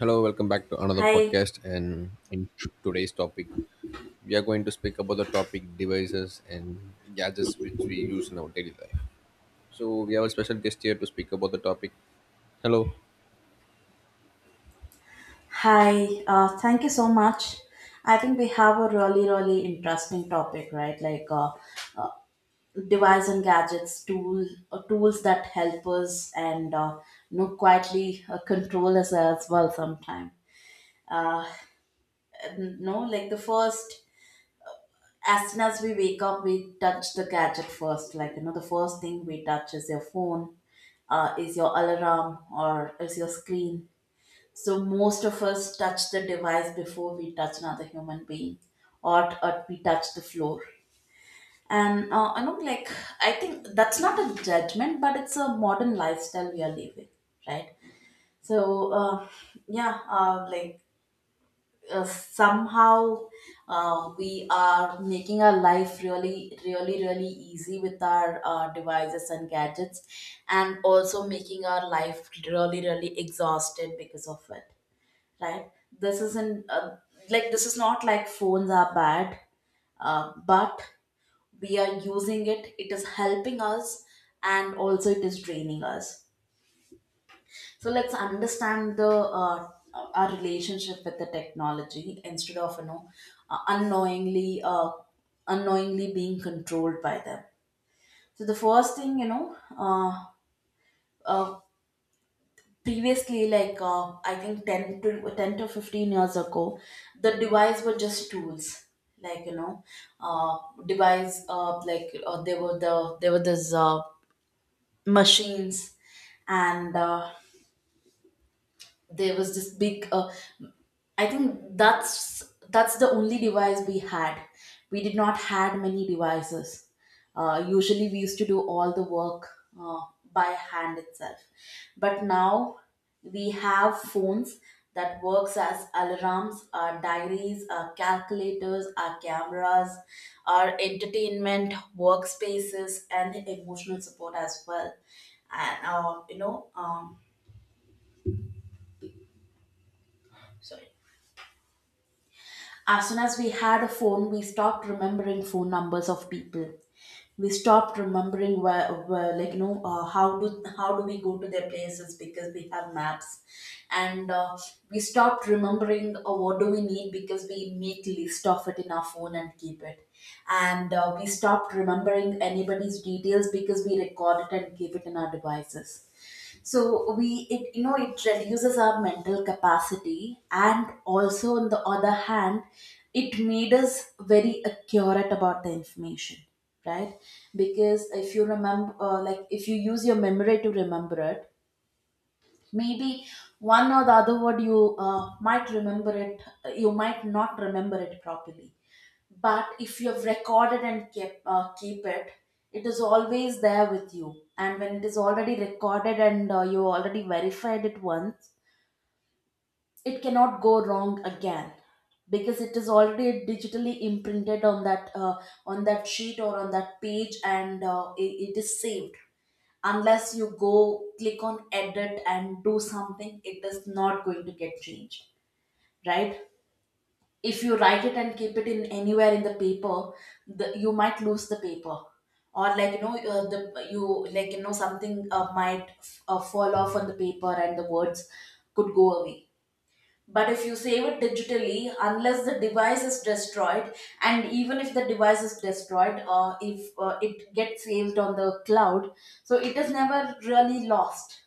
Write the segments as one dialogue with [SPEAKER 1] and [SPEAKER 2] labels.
[SPEAKER 1] Hello, welcome back to another
[SPEAKER 2] Hi,
[SPEAKER 1] podcast. And in today's topic, we are going to speak about the topic devices and gadgets which we use in our daily life. So we have a special guest here to speak about the topic. Hello.
[SPEAKER 2] hi. Thank you so much. I think we have a really, really interesting topic, right? Like, device and gadgets, tools that help us and quietly control us as well. Sometimes, uh, no, like the first, As soon as we wake up, we touch the gadget first. Like you know, the first thing we touch is your phone, is your alarm, or is your screen. So most of us touch the device before we touch another human being, or we touch the floor. And I know, like, I think that's not a judgment, but it's a modern lifestyle we are living, right? So, yeah, like somehow we are making our life really, really, really easy with our devices and gadgets, and also making our life really, really exhausted because of it, right? This isn't uh, like this is not like phones are bad, but we are using it, it is helping us, and also it is draining us. So let's understand the our relationship with the technology instead of uh, unknowingly uh, unknowingly being controlled by them. So the first thing you know uh, previously like I think 10 to 15 years ago, the device were just tools. Like you know uh, device like there were the there were these machines, and there was this big, I think that's the only device we had. We did not had many devices. Usually, we used to do all the work uh, by hand itself. But now we have phones that works as alarms, our diaries, our calculators, our cameras, our entertainment, workspaces, and emotional support as well. And uh, you know, um, sorry. As soon as we had a phone, we stopped remembering phone numbers of people. We stopped remembering where like you know, how do we go to their places because we have maps, and we stopped remembering what do we need because we make list of it in our phone and keep it, and we stopped remembering anybody's details because we record it and keep it in our devices. So we it you know it reduces our mental capacity, and also on the other hand, it made us very accurate about the information, right? Because if you remember, like if you use your memory to remember it, maybe one or the other word you might remember it, you might not remember it properly. But if you have recorded and kept keep it it is always there with you, and when it is already recorded and you already verified it once, it cannot go wrong again, because it is already digitally imprinted on that sheet or on that page, and it is saved. Unless you go click on edit and do something, it is not going to get changed, right? If you write it and keep it in anywhere in the paper, you might lose the paper, or like you know the you like you know something might fall off on the paper and the words could go away. But if you save it digitally, unless the device is destroyed, and even if the device is destroyed, if it gets saved on the cloud, so it is never really lost,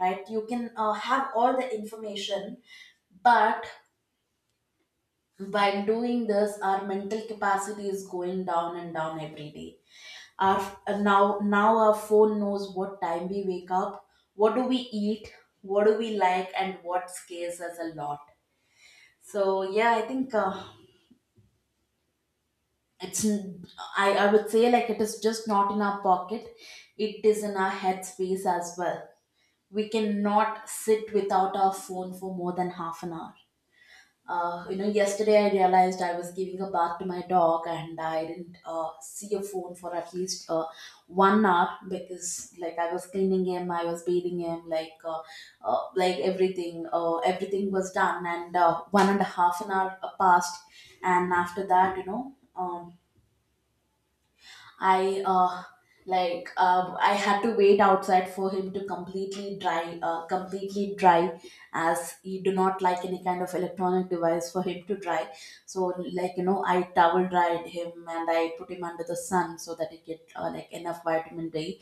[SPEAKER 2] right? You can have all the information, but while doing this, our mental capacity is going down and down every day. Our uh, now now our phone knows what time we wake up, what do we eat, what do we like, and what scares us a lot. So yeah, I think it's n- I would say like it is just not in our pocket. It is in our headspace as well. We cannot sit without our phone for more than half an hour. You know, yesterday I realized I was giving a bath to my dog, and I didn't see a phone for at least 1 hour, because like I was cleaning him, I was bathing him, like everything, everything was done, and one and a half an hour passed. And after that, um, I, uh, I had to wait outside for him to completely dry, as he do not like any kind of electronic device for him to dry. So like you know, I towel dried him and I put him under the sun so that he get like enough vitamin D.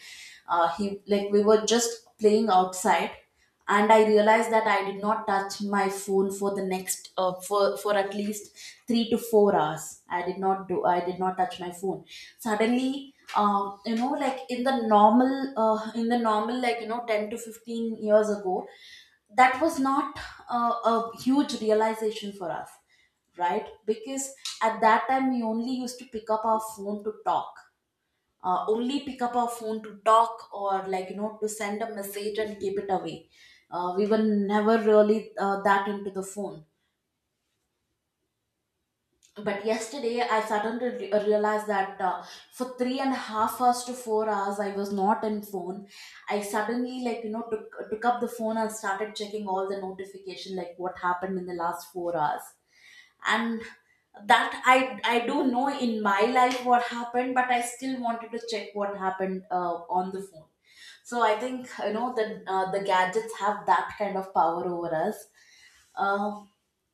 [SPEAKER 2] he like We were just playing outside, and I realized that I did not touch my phone for the next, for at least 3 to 4 hours. I did not do I did not touch my phone. Suddenly You know, like in the normal, like you know, 10 to 15 years ago, that was not a huge realization for us, right? Because at that time we only used to pick up our phone to talk, only pick up our phone to talk or like you know to send a message and keep it away. We were never really that into the phone. But yesterday I suddenly realized that for 3.5 hours to 4 hours I was not in phone. I suddenly like you know took up the phone and started checking all the notification, like what happened in the last 4 hours. And that, I don't know in my life what happened, but I still wanted to check what happened on the phone. So I think you know the gadgets have that kind of power over us. uh,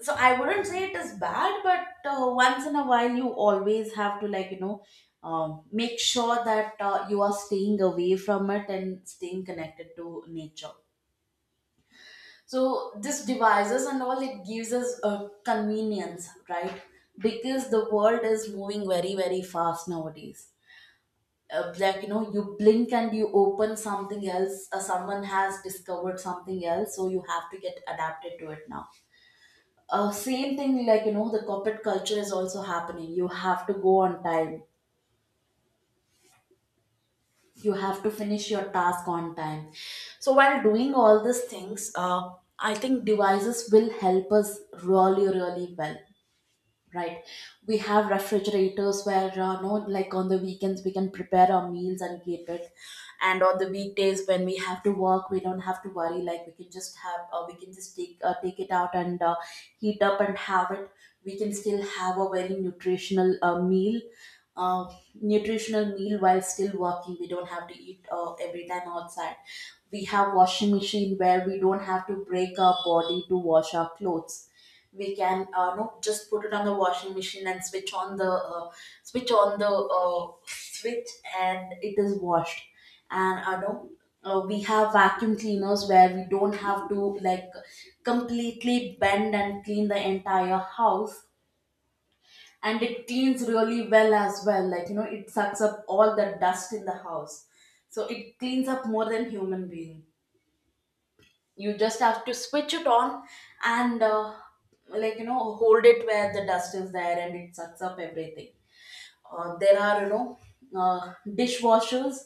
[SPEAKER 2] so I wouldn't say it is bad, but once in a while you always have to like make sure that you are staying away from it and staying connected to nature. So this devices and all, it gives us a convenience, right? Because the world is moving very, very fast nowadays. Like you know, you blink and you open something else. Someone has discovered something else, so you have to get adapted to it now. Same thing like you know, the corporate culture is also happening. You have to go on time. You have to finish your task on time. So while doing all these things, I think devices will help us really, really well. Right. We have refrigerators where, no, like on the weekends, we can prepare our meals and keep it. And on the weekdays, when we have to work, we don't have to worry. Like we can just have, we can just take take it out and heat up and have it. We can still have a very nutritional uh, nutritional meal while still working. We don't have to eat every time outside. We have washing machine where we don't have to break our body to wash our clothes. We can no just put it on the washing machine and switch on the switch on the switch, and it is washed. And I no we have vacuum cleaners where we don't have to like completely bend and clean the entire house, and it cleans really well as well. Like you know, it sucks up all the dust in the house, so it cleans up more than human being. You just have to switch it on, and like you know, hold it where the dust is there, and it sucks up everything. There are dishwashers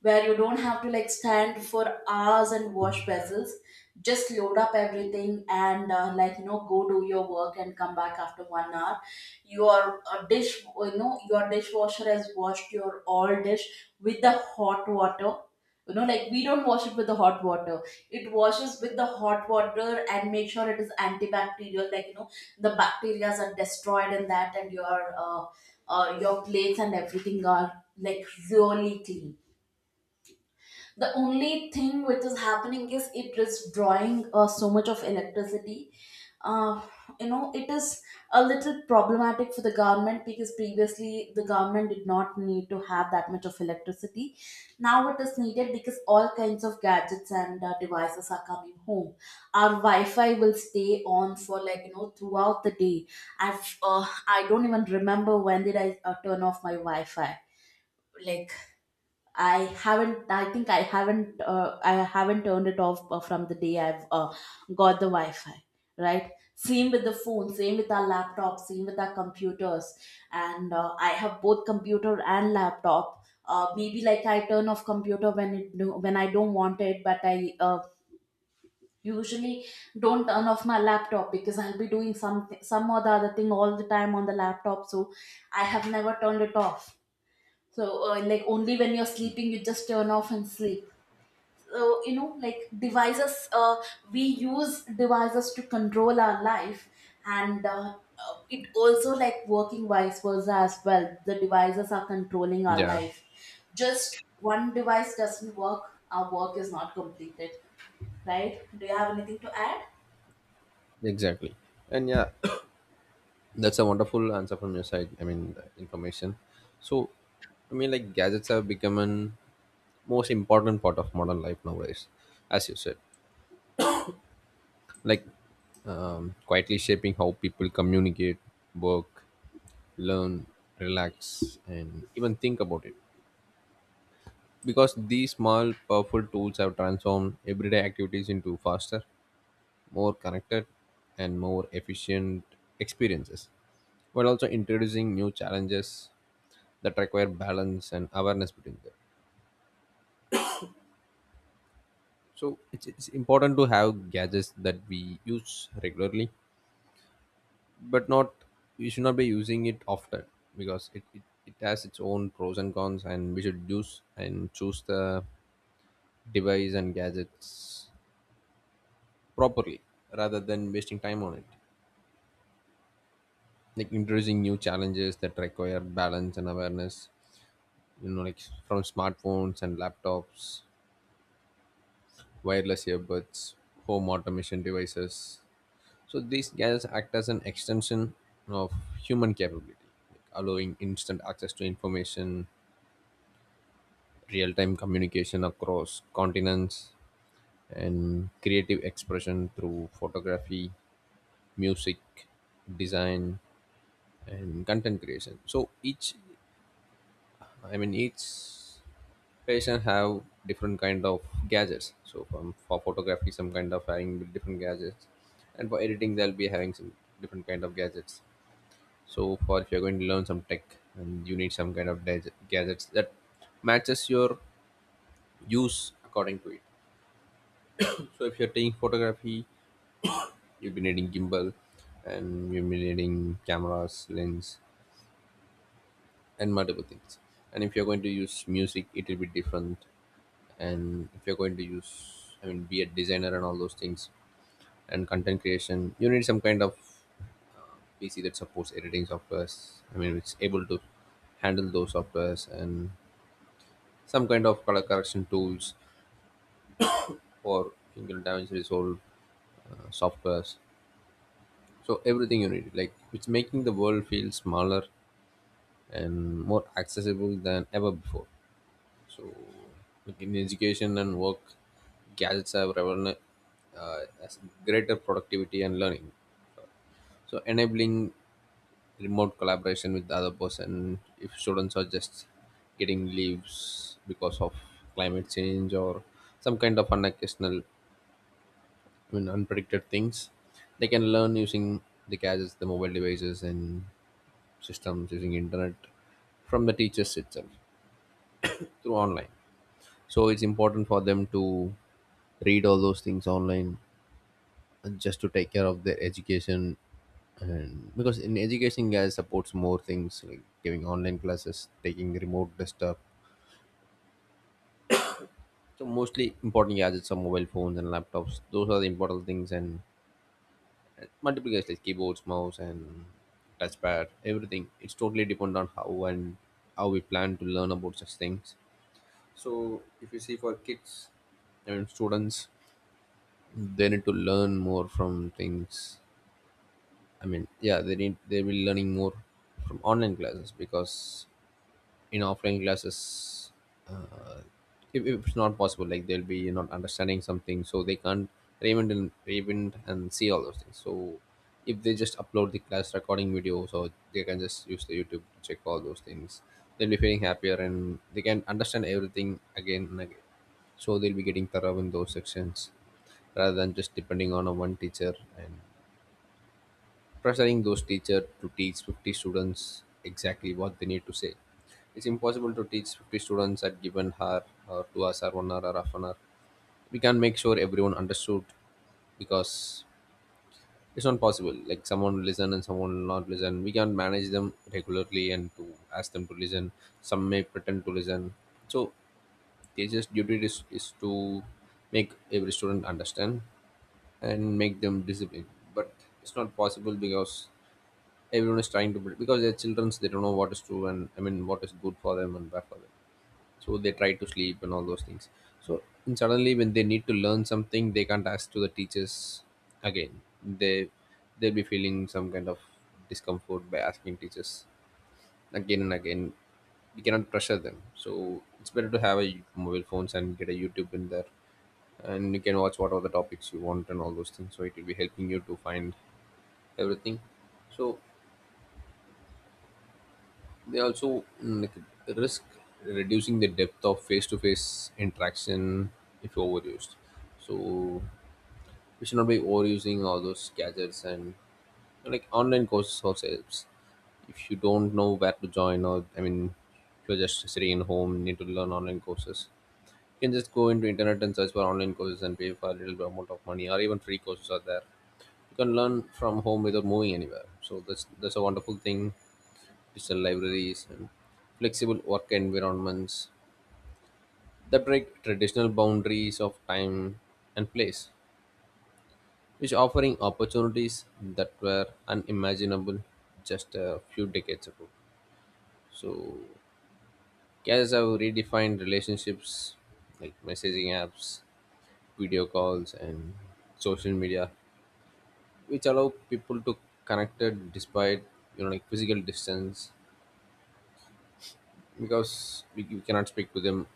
[SPEAKER 2] where you don't have to like stand for hours and wash vessels. Just load up everything, and like you know, go do your work and come back after 1 hour. Your dish you know your dishwasher has washed your all dish with the hot water. You know, like we don't wash it with the hot water, it washes with the hot water and make sure it is antibacterial. Like you know, the bacteria are destroyed in that, and your plates and everything are like really clean. The only thing which is happening is it is drawing so much of electricity. uh, you know, it is a little problematic for the government, because previously the government did not need to have that much of electricity. Now it is needed because all kinds of gadgets and devices are coming home. Our wi-fi will stay on for like you know throughout the day. I don't even remember when did I turn off my wi-fi. Like, I haven't. I think I haven't. I haven't turned it off from the day I've got the Wi-Fi. Right. Same with the phone. Same with our laptops. Same with our computers. And I have both computer and laptop. Maybe like I turn off computer when when I don't want it, but I usually don't turn off my laptop because I'll be doing some or the other thing all the time on the laptop. So I have never turned it off, so like only when you're sleeping you just turn off and sleep. So you know, like devices we use devices to control our life, and it also like working vice versa as well. The devices are controlling our
[SPEAKER 1] Yeah,
[SPEAKER 2] life. Just one device doesn't work, our work is not completed, right? Do you have anything to add?
[SPEAKER 1] exactly. And yeah, that's a wonderful answer from your side. I mean, the information. So, I mean, like gadgets have become an most important part of modern life nowadays, as you said, like quietly shaping how people communicate, work, learn, relax, and even think about it. Because these small, powerful tools have transformed everyday activities into faster, more connected, and more efficient experiences, while also introducing new challenges that require balance and awareness between them. So it's important to have gadgets that we use regularly, but not, we should not be using it often because it has its own pros and cons, and we should use and choose the device and gadgets properly rather than wasting time on it, like introducing new challenges that require balance and awareness. You know, like from smartphones and laptops, wireless earbuds, home automation devices. So these gadgets act as an extension of human capability, like allowing instant access to information, real-time communication across continents, and creative expression through photography, music, design, and content creation. So each, I mean each patient have different kind of gadgets. So from, for photography, some kind of having different gadgets, and for editing they'll be having some different kind of gadgets. So for, if you're going to learn some tech and you need some kind of gadgets that matches your use according to it. So if you're taking photography, you'll be needing gimbal, and you'll be needing cameras lens and multiple things. And if you're going to use music, it will be different. And if you're going to use, I mean, be a designer and all those things, and content creation, you need some kind of uh, PC that supports editing softwares. I mean, it's able to handle those softwares and some kind of color correction tools or single damage resolve softwares. So everything you need, like it's making the world feel smaller and more accessible than ever before. So, like in education and work, gadgets have revolutionized as greater productivity and learning. So, enabling remote collaboration with the other person. If students are just getting leaves because of climate change or some kind of unocasional, I mean, unpredicted things, they can learn using the gadgets, the mobile devices, and systems using internet from the teachers itself through online. So it's important for them to read all those things online and just to take care of their education. And because in education guys supports more things, like giving online classes, taking remote desktop. So mostly important gadgets are mobile phones and laptops, those are the important things. And multiple guys like keyboards, mouse, and touchpad, everything it's totally depend on how and how we plan to learn about such things. So if you see for kids, I mean students, they need to learn more from things. I mean, yeah, they need, they will be learning more from online classes because in offline classes, uh, if it's not possible, like they'll be not understanding something, so they can't even and even and see all those things. So if they just upload the class recording videos, or they can just use the YouTube to check all those things, they'll be feeling happier and they can understand everything again and again. So they'll be getting thorough in those sections rather than just depending on a one teacher and pressuring those teachers to teach 50 students exactly what they need to say. It's impossible to teach 50 students at given hour or 2 hours or one hour or half an hour. We can't make sure everyone understood because it's not possible. Like someone will listen and someone will not listen. We can't manage them regularly and to ask them to listen. Some may pretend to listen. So teachers' duty is to make every student understand and make them disciplined. But it's not possible because everyone is trying to build because they're children, so they don't know what is true and, I mean, what is good for them and bad for them. So they try to sleep and all those things. So, and suddenly when they need to learn something, they can't ask to the teachers again. They, they'll be feeling some kind of discomfort by asking teachers again and again. We cannot pressure them, so it's better to have a mobile phones and get a YouTube in there, and you can watch whatever the topics you want and all those things. So it will be helping you to find everything. So they also like, risk reducing the depth of face-to-face interaction if overused. So we should not be overusing all those gadgets. And like online courses also helps. If you don't know where to join, or I mean if you're just sitting in home need to learn online courses. You can just go into internet and search for online courses and pay for a little bit amount of money, or even free courses are there. You can learn from home without moving anywhere. So that's a wonderful thing. Digital libraries, and flexible work environments that break traditional boundaries of time and place, which offering opportunities that were unimaginable just a few decades ago. So, cares have redefined relationships, like messaging apps, video calls, and social media, which allow people to connect despite, you know, like physical distance, because we cannot speak to them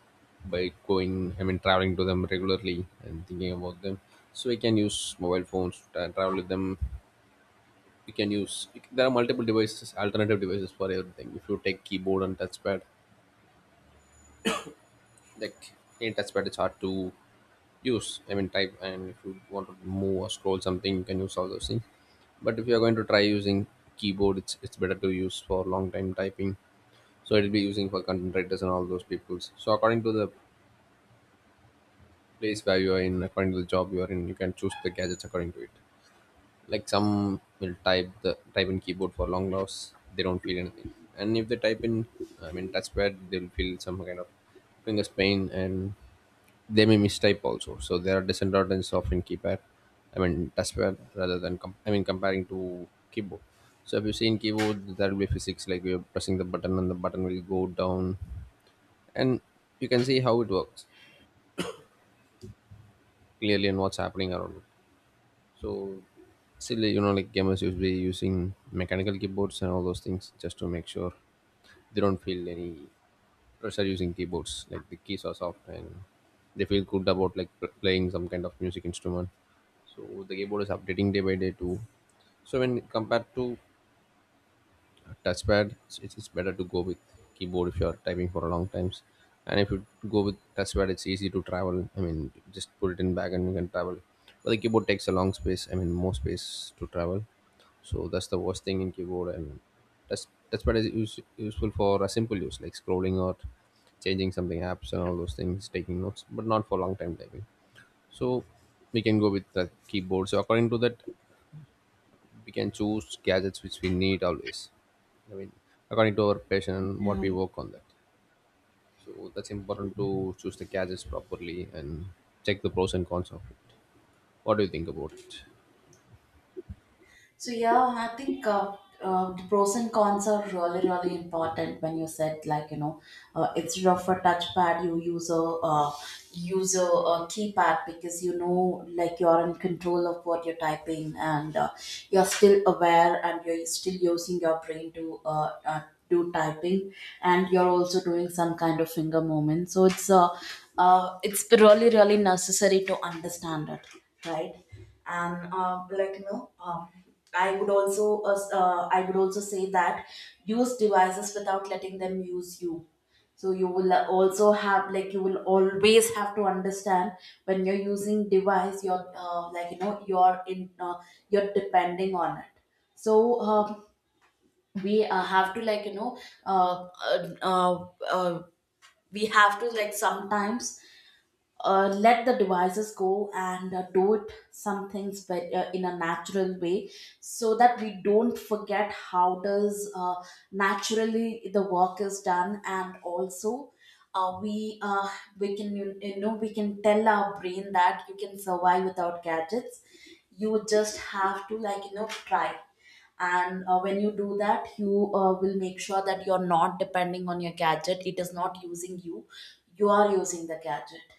[SPEAKER 1] by going, I mean traveling to them regularly and thinking about them. So we can use mobile phones and travel with them. We can use, there are multiple devices, alternative devices for everything. If you take keyboard and touchpad, like in touchpad it's hard to use, I mean type, and if you want to move or scroll something you can use all those things. But if you are going to try using keyboard, it's better to use for long time typing. So it'll be using for content writers and all those peoples. So according to the place where you are in, according to the job you are in, you can choose the gadgets according to it. Like some will type the type in keyboard for long hours, they don't feel anything. And if they type in, I mean touchpad, they'll feel some kind of fingers pain and they may mistype also. So there are disadvantages of in keypad, I mean touchpad, rather than I mean comparing to keyboard. So if you see in keyboard there will be physics, like you're pressing the button and the button will go down, and you can see how it works clearly and what's happening around it. So silly, you know, like gamers used to be using mechanical keyboards and all those things just to make sure they don't feel any pressure using keyboards. Like the keys are soft and they feel good about, like playing some kind of music instrument. So the keyboard is updating day by day too. So when compared to touchpad, it's better to go with keyboard if you're typing for a long times. And if you go with touchpad, it's easy to travel, I mean just put it in bag and you can travel. But the keyboard takes a long space, I mean more space to travel. So that's the worst thing in keyboard. And that's, touchpad is useful for a simple use like scrolling or changing something apps and all those things, taking notes, but not for long time typing. So we can go with the keyboard. So according to that, we can choose gadgets which we need always. I mean, according to our passion and what
[SPEAKER 2] Yeah.
[SPEAKER 1] we work on that. So that's important to choose the gadgets properly and check the pros and cons of it. What do you think about it?
[SPEAKER 2] So yeah, I think the pros and cons are really really important. When you said like, you know, instead of a touchpad, you use a keypad, because you know, like you're in control of what you're typing, and you're still aware and you're still using your brain to. Do typing, and you're also doing some kind of finger movement, so it's really really necessary to understand it, right? And like you know, I would also say that use devices without letting them use you. So you will also have like, you will always have to understand when you're using device you're like you know, you're depending on it. So we have to, like you know, uh, uh, uh, uh, we have to like sometimes let the devices go and do it some things, but in a natural way, so that we don't forget how does naturally the work is done. And also uh, we uh, we can, you know, we can tell our brain that you can survive without gadgets. You just have to like you know, try, and when you do that you will make sure that you're not depending on your gadget, it is not using you, you are using the gadget.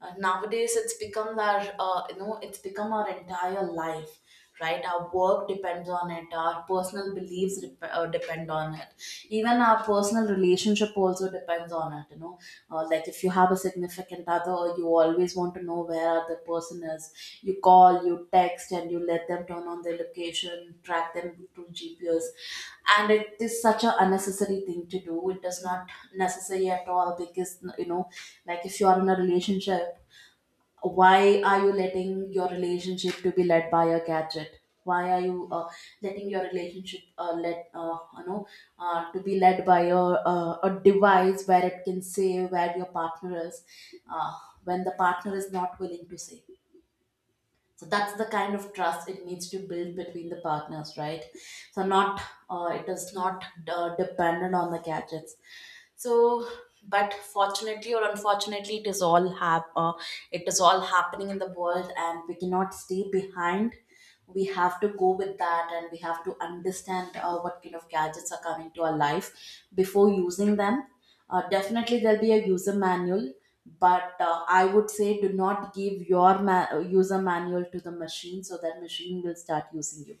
[SPEAKER 2] Nowadays it's become our, you know, it's become our entire life, right? Our work depends on it, our personal beliefs depend on it, even our personal relationship also depends on it, you know. Like if you have a significant other, you always want to know where other person is. You call, you text, and you let them turn on their location, track them through GPS. And it is such an unnecessary thing to do. It does not necessary at all, because you know, like if you are in a relationship, why are you letting your relationship to be led by a gadget? Why are you letting your relationship let you know, to be led by a device where it can say where your partner is, uh, when the partner is not willing to say? So that's the kind of trust it needs to build between the partners, right? So not, it is not dependent on the gadgets. So, but fortunately or unfortunately, it is all it is all happening in the world, and we cannot stay behind. We have to go with that, and we have to understand what kind of gadgets are coming to our life before using them. Definitely, there'll be a user manual, but I would say, do not give your user manual to the machine, so that machine will start using you.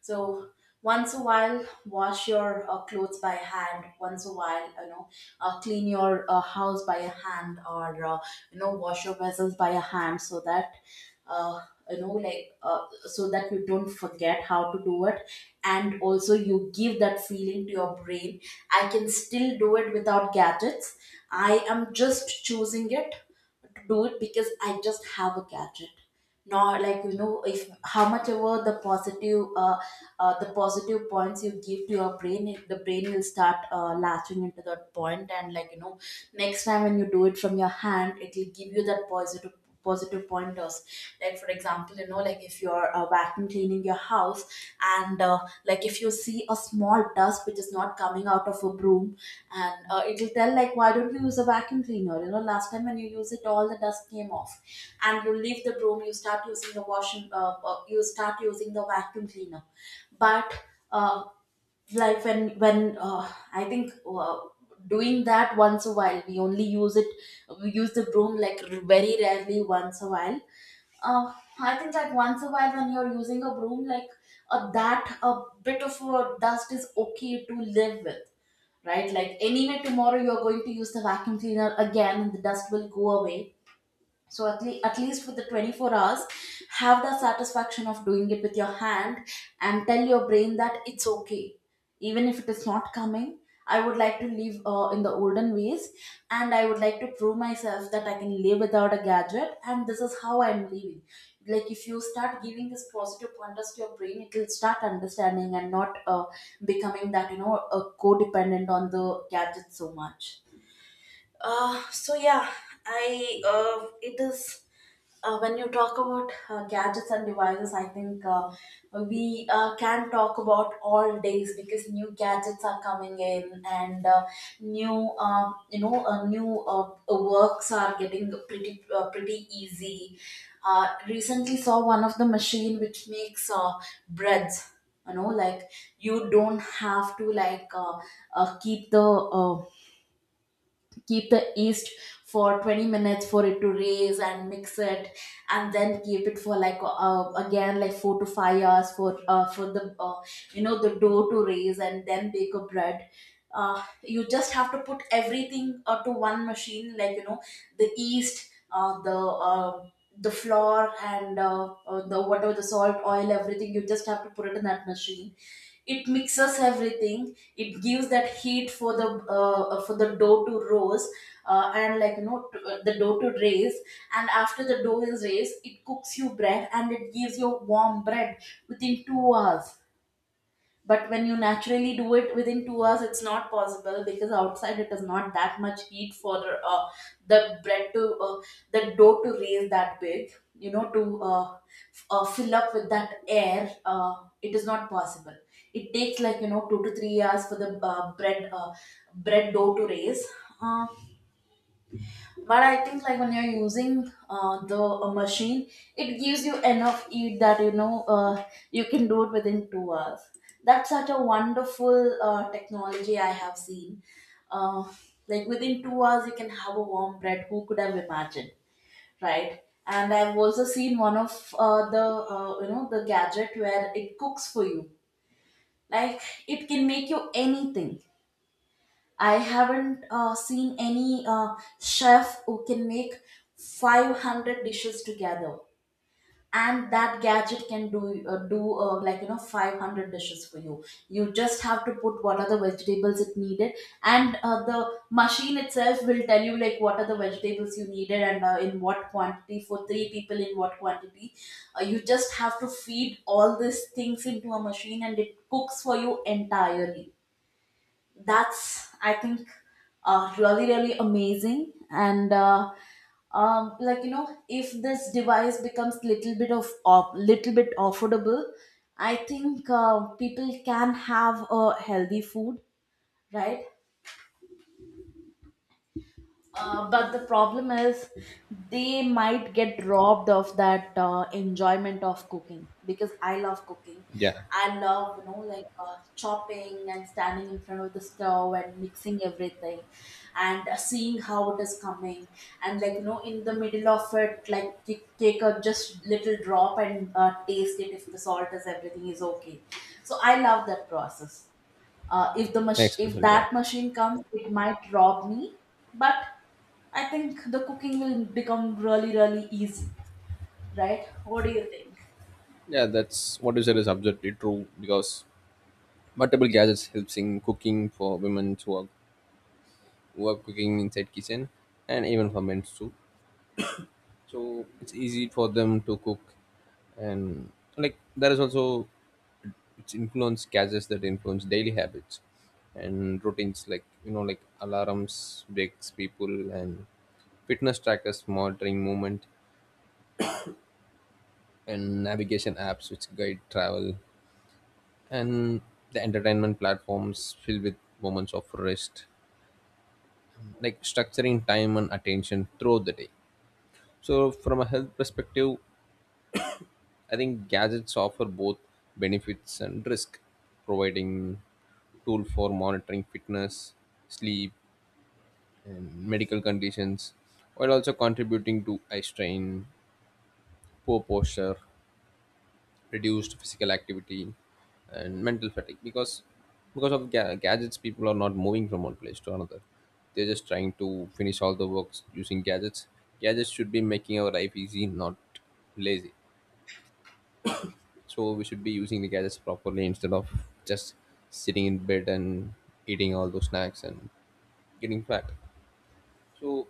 [SPEAKER 2] So once a while, wash your clothes by hand. Once a while, you know, clean your house by a hand, or you know, wash your vessels by a hand, so that uh, you know, so that you don't forget how to do it, and also you give that feeling to your brain. I can still do it without gadgets. I am just choosing it to do it because I just have a gadget. Not like you know, if how much ever the positive points you give to your brain, the brain will start latching into that point, and like you know, next time when you do it from your hand, it will give you that positive pointers. Like for example, you know, like if you're vacuum cleaning your house, and like if you see a small dust which is not coming out of a broom, and it'll tell like, why don't you use a vacuum cleaner? You know, last time when you use it all the dust came off, and you leave the broom, you start using the washing you start using the vacuum cleaner. But uh, like when I think doing that once a while, we only use it. We use the broom like very rarely, once a while. uh, I think, like once a while when you're using a broom, like that a bit of dust is okay to live with, right? Like anyway, tomorrow you're going to use the vacuum cleaner again and the dust will go away. So at, at least with the 24 hours, have the satisfaction of doing it with your hand, and tell your brain that it's okay. Even if it is not coming, I would like to live in the olden ways, and I would like to prove myself that I can live without a gadget, and this is how I'm living. Like if you start giving this positive pointers to your brain, it will start understanding and not becoming that, you know, codependent on the gadget so much. So yeah, I it is when you talk about gadgets and devices, I think we can talk about all days, because new gadgets are coming in, and new, you know, new works are getting pretty pretty easy. Recently, saw one of the machine which makes breads. You know, like you don't have to uh, keep the uh, keep the yeast for 20 minutes for it to raise and mix it, and then keep it for like again like 4 to 5 hours for the you know, the dough to raise, and then bake a bread. You just have to put everything to one machine, like you know, the yeast, uh, the flour, and the whatever, the salt, oil, everything, you just have to put it in that machine. It mixes everything, it gives that heat for the dough to rose, and like you know the dough to raise, and after the dough is raised, it cooks you bread, and it gives you warm bread within 2 hours. But when you naturally do it within 2 hours, it's not possible, because outside it is not that much heat for uh, the bread to the dough to raise that big, you know, to fill up with that air. It is not possible. It takes like you know 2 to 3 hours for the bread dough to raise. uh, but I think like when you're using the machine, it gives you enough heat that you know, you can do it within 2 hours. That's such a wonderful technology I have seen. uh, like within 2 hours you can have a warm bread. Who could have imagined? Right. And I've also seen one of the you know, the gadget where it cooks for you. Like, it can make you anything. I haven't seen any chef who can make 500 dishes together. And that gadget can do like you know, 500 dishes for you. You just have to put what are the vegetables it needed, and the machine itself will tell you like what are the vegetables you needed, and in what quantity, for three people in what quantity. You just have to feed all these things into a machine, and it cooks for you entirely. That's I think really really amazing, and like you know, if this device becomes little bit little bit affordable, I think people can have a healthy food, right? But the problem is they might get robbed of that enjoyment of cooking, because I love cooking.
[SPEAKER 1] Yeah,
[SPEAKER 2] I love, you know, like chopping and standing in front of the stove and mixing everything, and seeing how it is coming. And like, you know, in the middle of it, like, take a just little drop and taste it if the salt is everything is okay. So I love that process. If the
[SPEAKER 1] next
[SPEAKER 2] if
[SPEAKER 1] question. Yeah,
[SPEAKER 2] that machine comes, it might rob me. But I think the cooking will become really really easy, right? What do you think?
[SPEAKER 1] yeah, that's what you said is absolutely true because multiple gadgets helps in cooking for women who are, who are cooking inside kitchen, and even for men too. So it's easy for them to cook. And like there is also its influence causes that influence daily habits and routines, like you know like alarms breaks people, and fitness trackers monitoring movement, and navigation apps which guide travel, and the entertainment platforms filled with moments of rest, like structuring time and attention throughout the day. So from a health perspective, I think gadgets offer both benefits and risk, providing tool for monitoring fitness, sleep, and medical conditions, while also contributing to eye strain, poor posture, reduced physical activity, and mental fatigue. Because of gadgets, people are not moving from one place to another. They're just trying to finish all the works using gadgets. Gadgets should be making our life easy, not lazy. So we should be using the gadgets properly instead of just sitting in bed and eating all those snacks and getting fat. So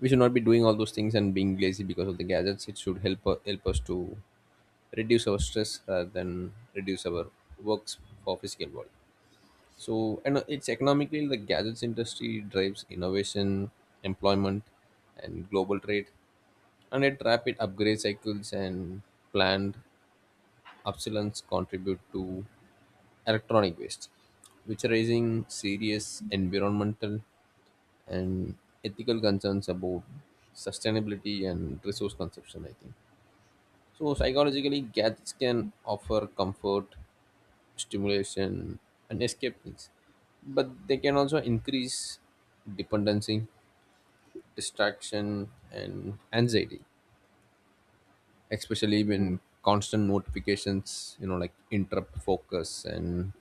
[SPEAKER 1] we should not be doing all those things and being lazy because of the gadgets. It should help us to reduce our stress rather than reduce our works for physical work. So, and it's economically the gadgets industry drives innovation, employment, and global trade. And it rapid upgrade cycles and planned obsolescence contribute to electronic waste, which are raising serious environmental and ethical concerns about sustainability and resource consumption, I think. So, psychologically, gadgets can offer comfort, stimulation, and escape needs, but they can also increase dependency, distraction, and anxiety, especially
[SPEAKER 2] Yeah.
[SPEAKER 1] when constant notifications, you know, like interrupt focus and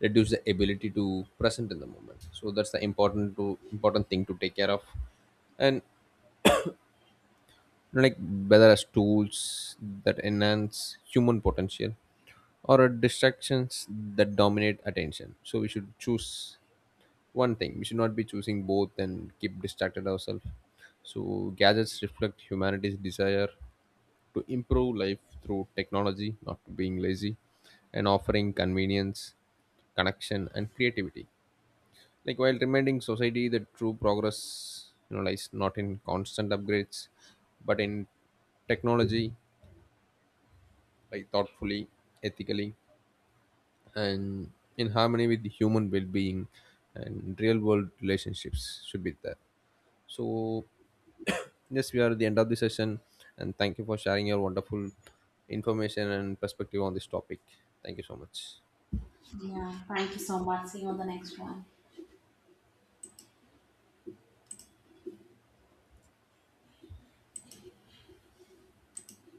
[SPEAKER 1] reduce the ability to present in the moment. So that's the important thing to take care of. And like whether as tools that enhance human potential or as distractions that dominate attention, so we should choose one thing, we should not be choosing both and keep distracted ourselves. So gadgets reflect humanity's desire to improve life through technology, not being lazy, and offering convenience, connection, and creativity, like while reminding society that true progress, you know, lies not in constant upgrades, but in technology, like thoughtfully, ethically, and in harmony with the human well-being and real world relationships should be there. So yes, we are at the end of the session, and thank you for sharing your wonderful information and perspective on this topic. Thank you so much.
[SPEAKER 2] Yeah, thank you so much, see you on the next one.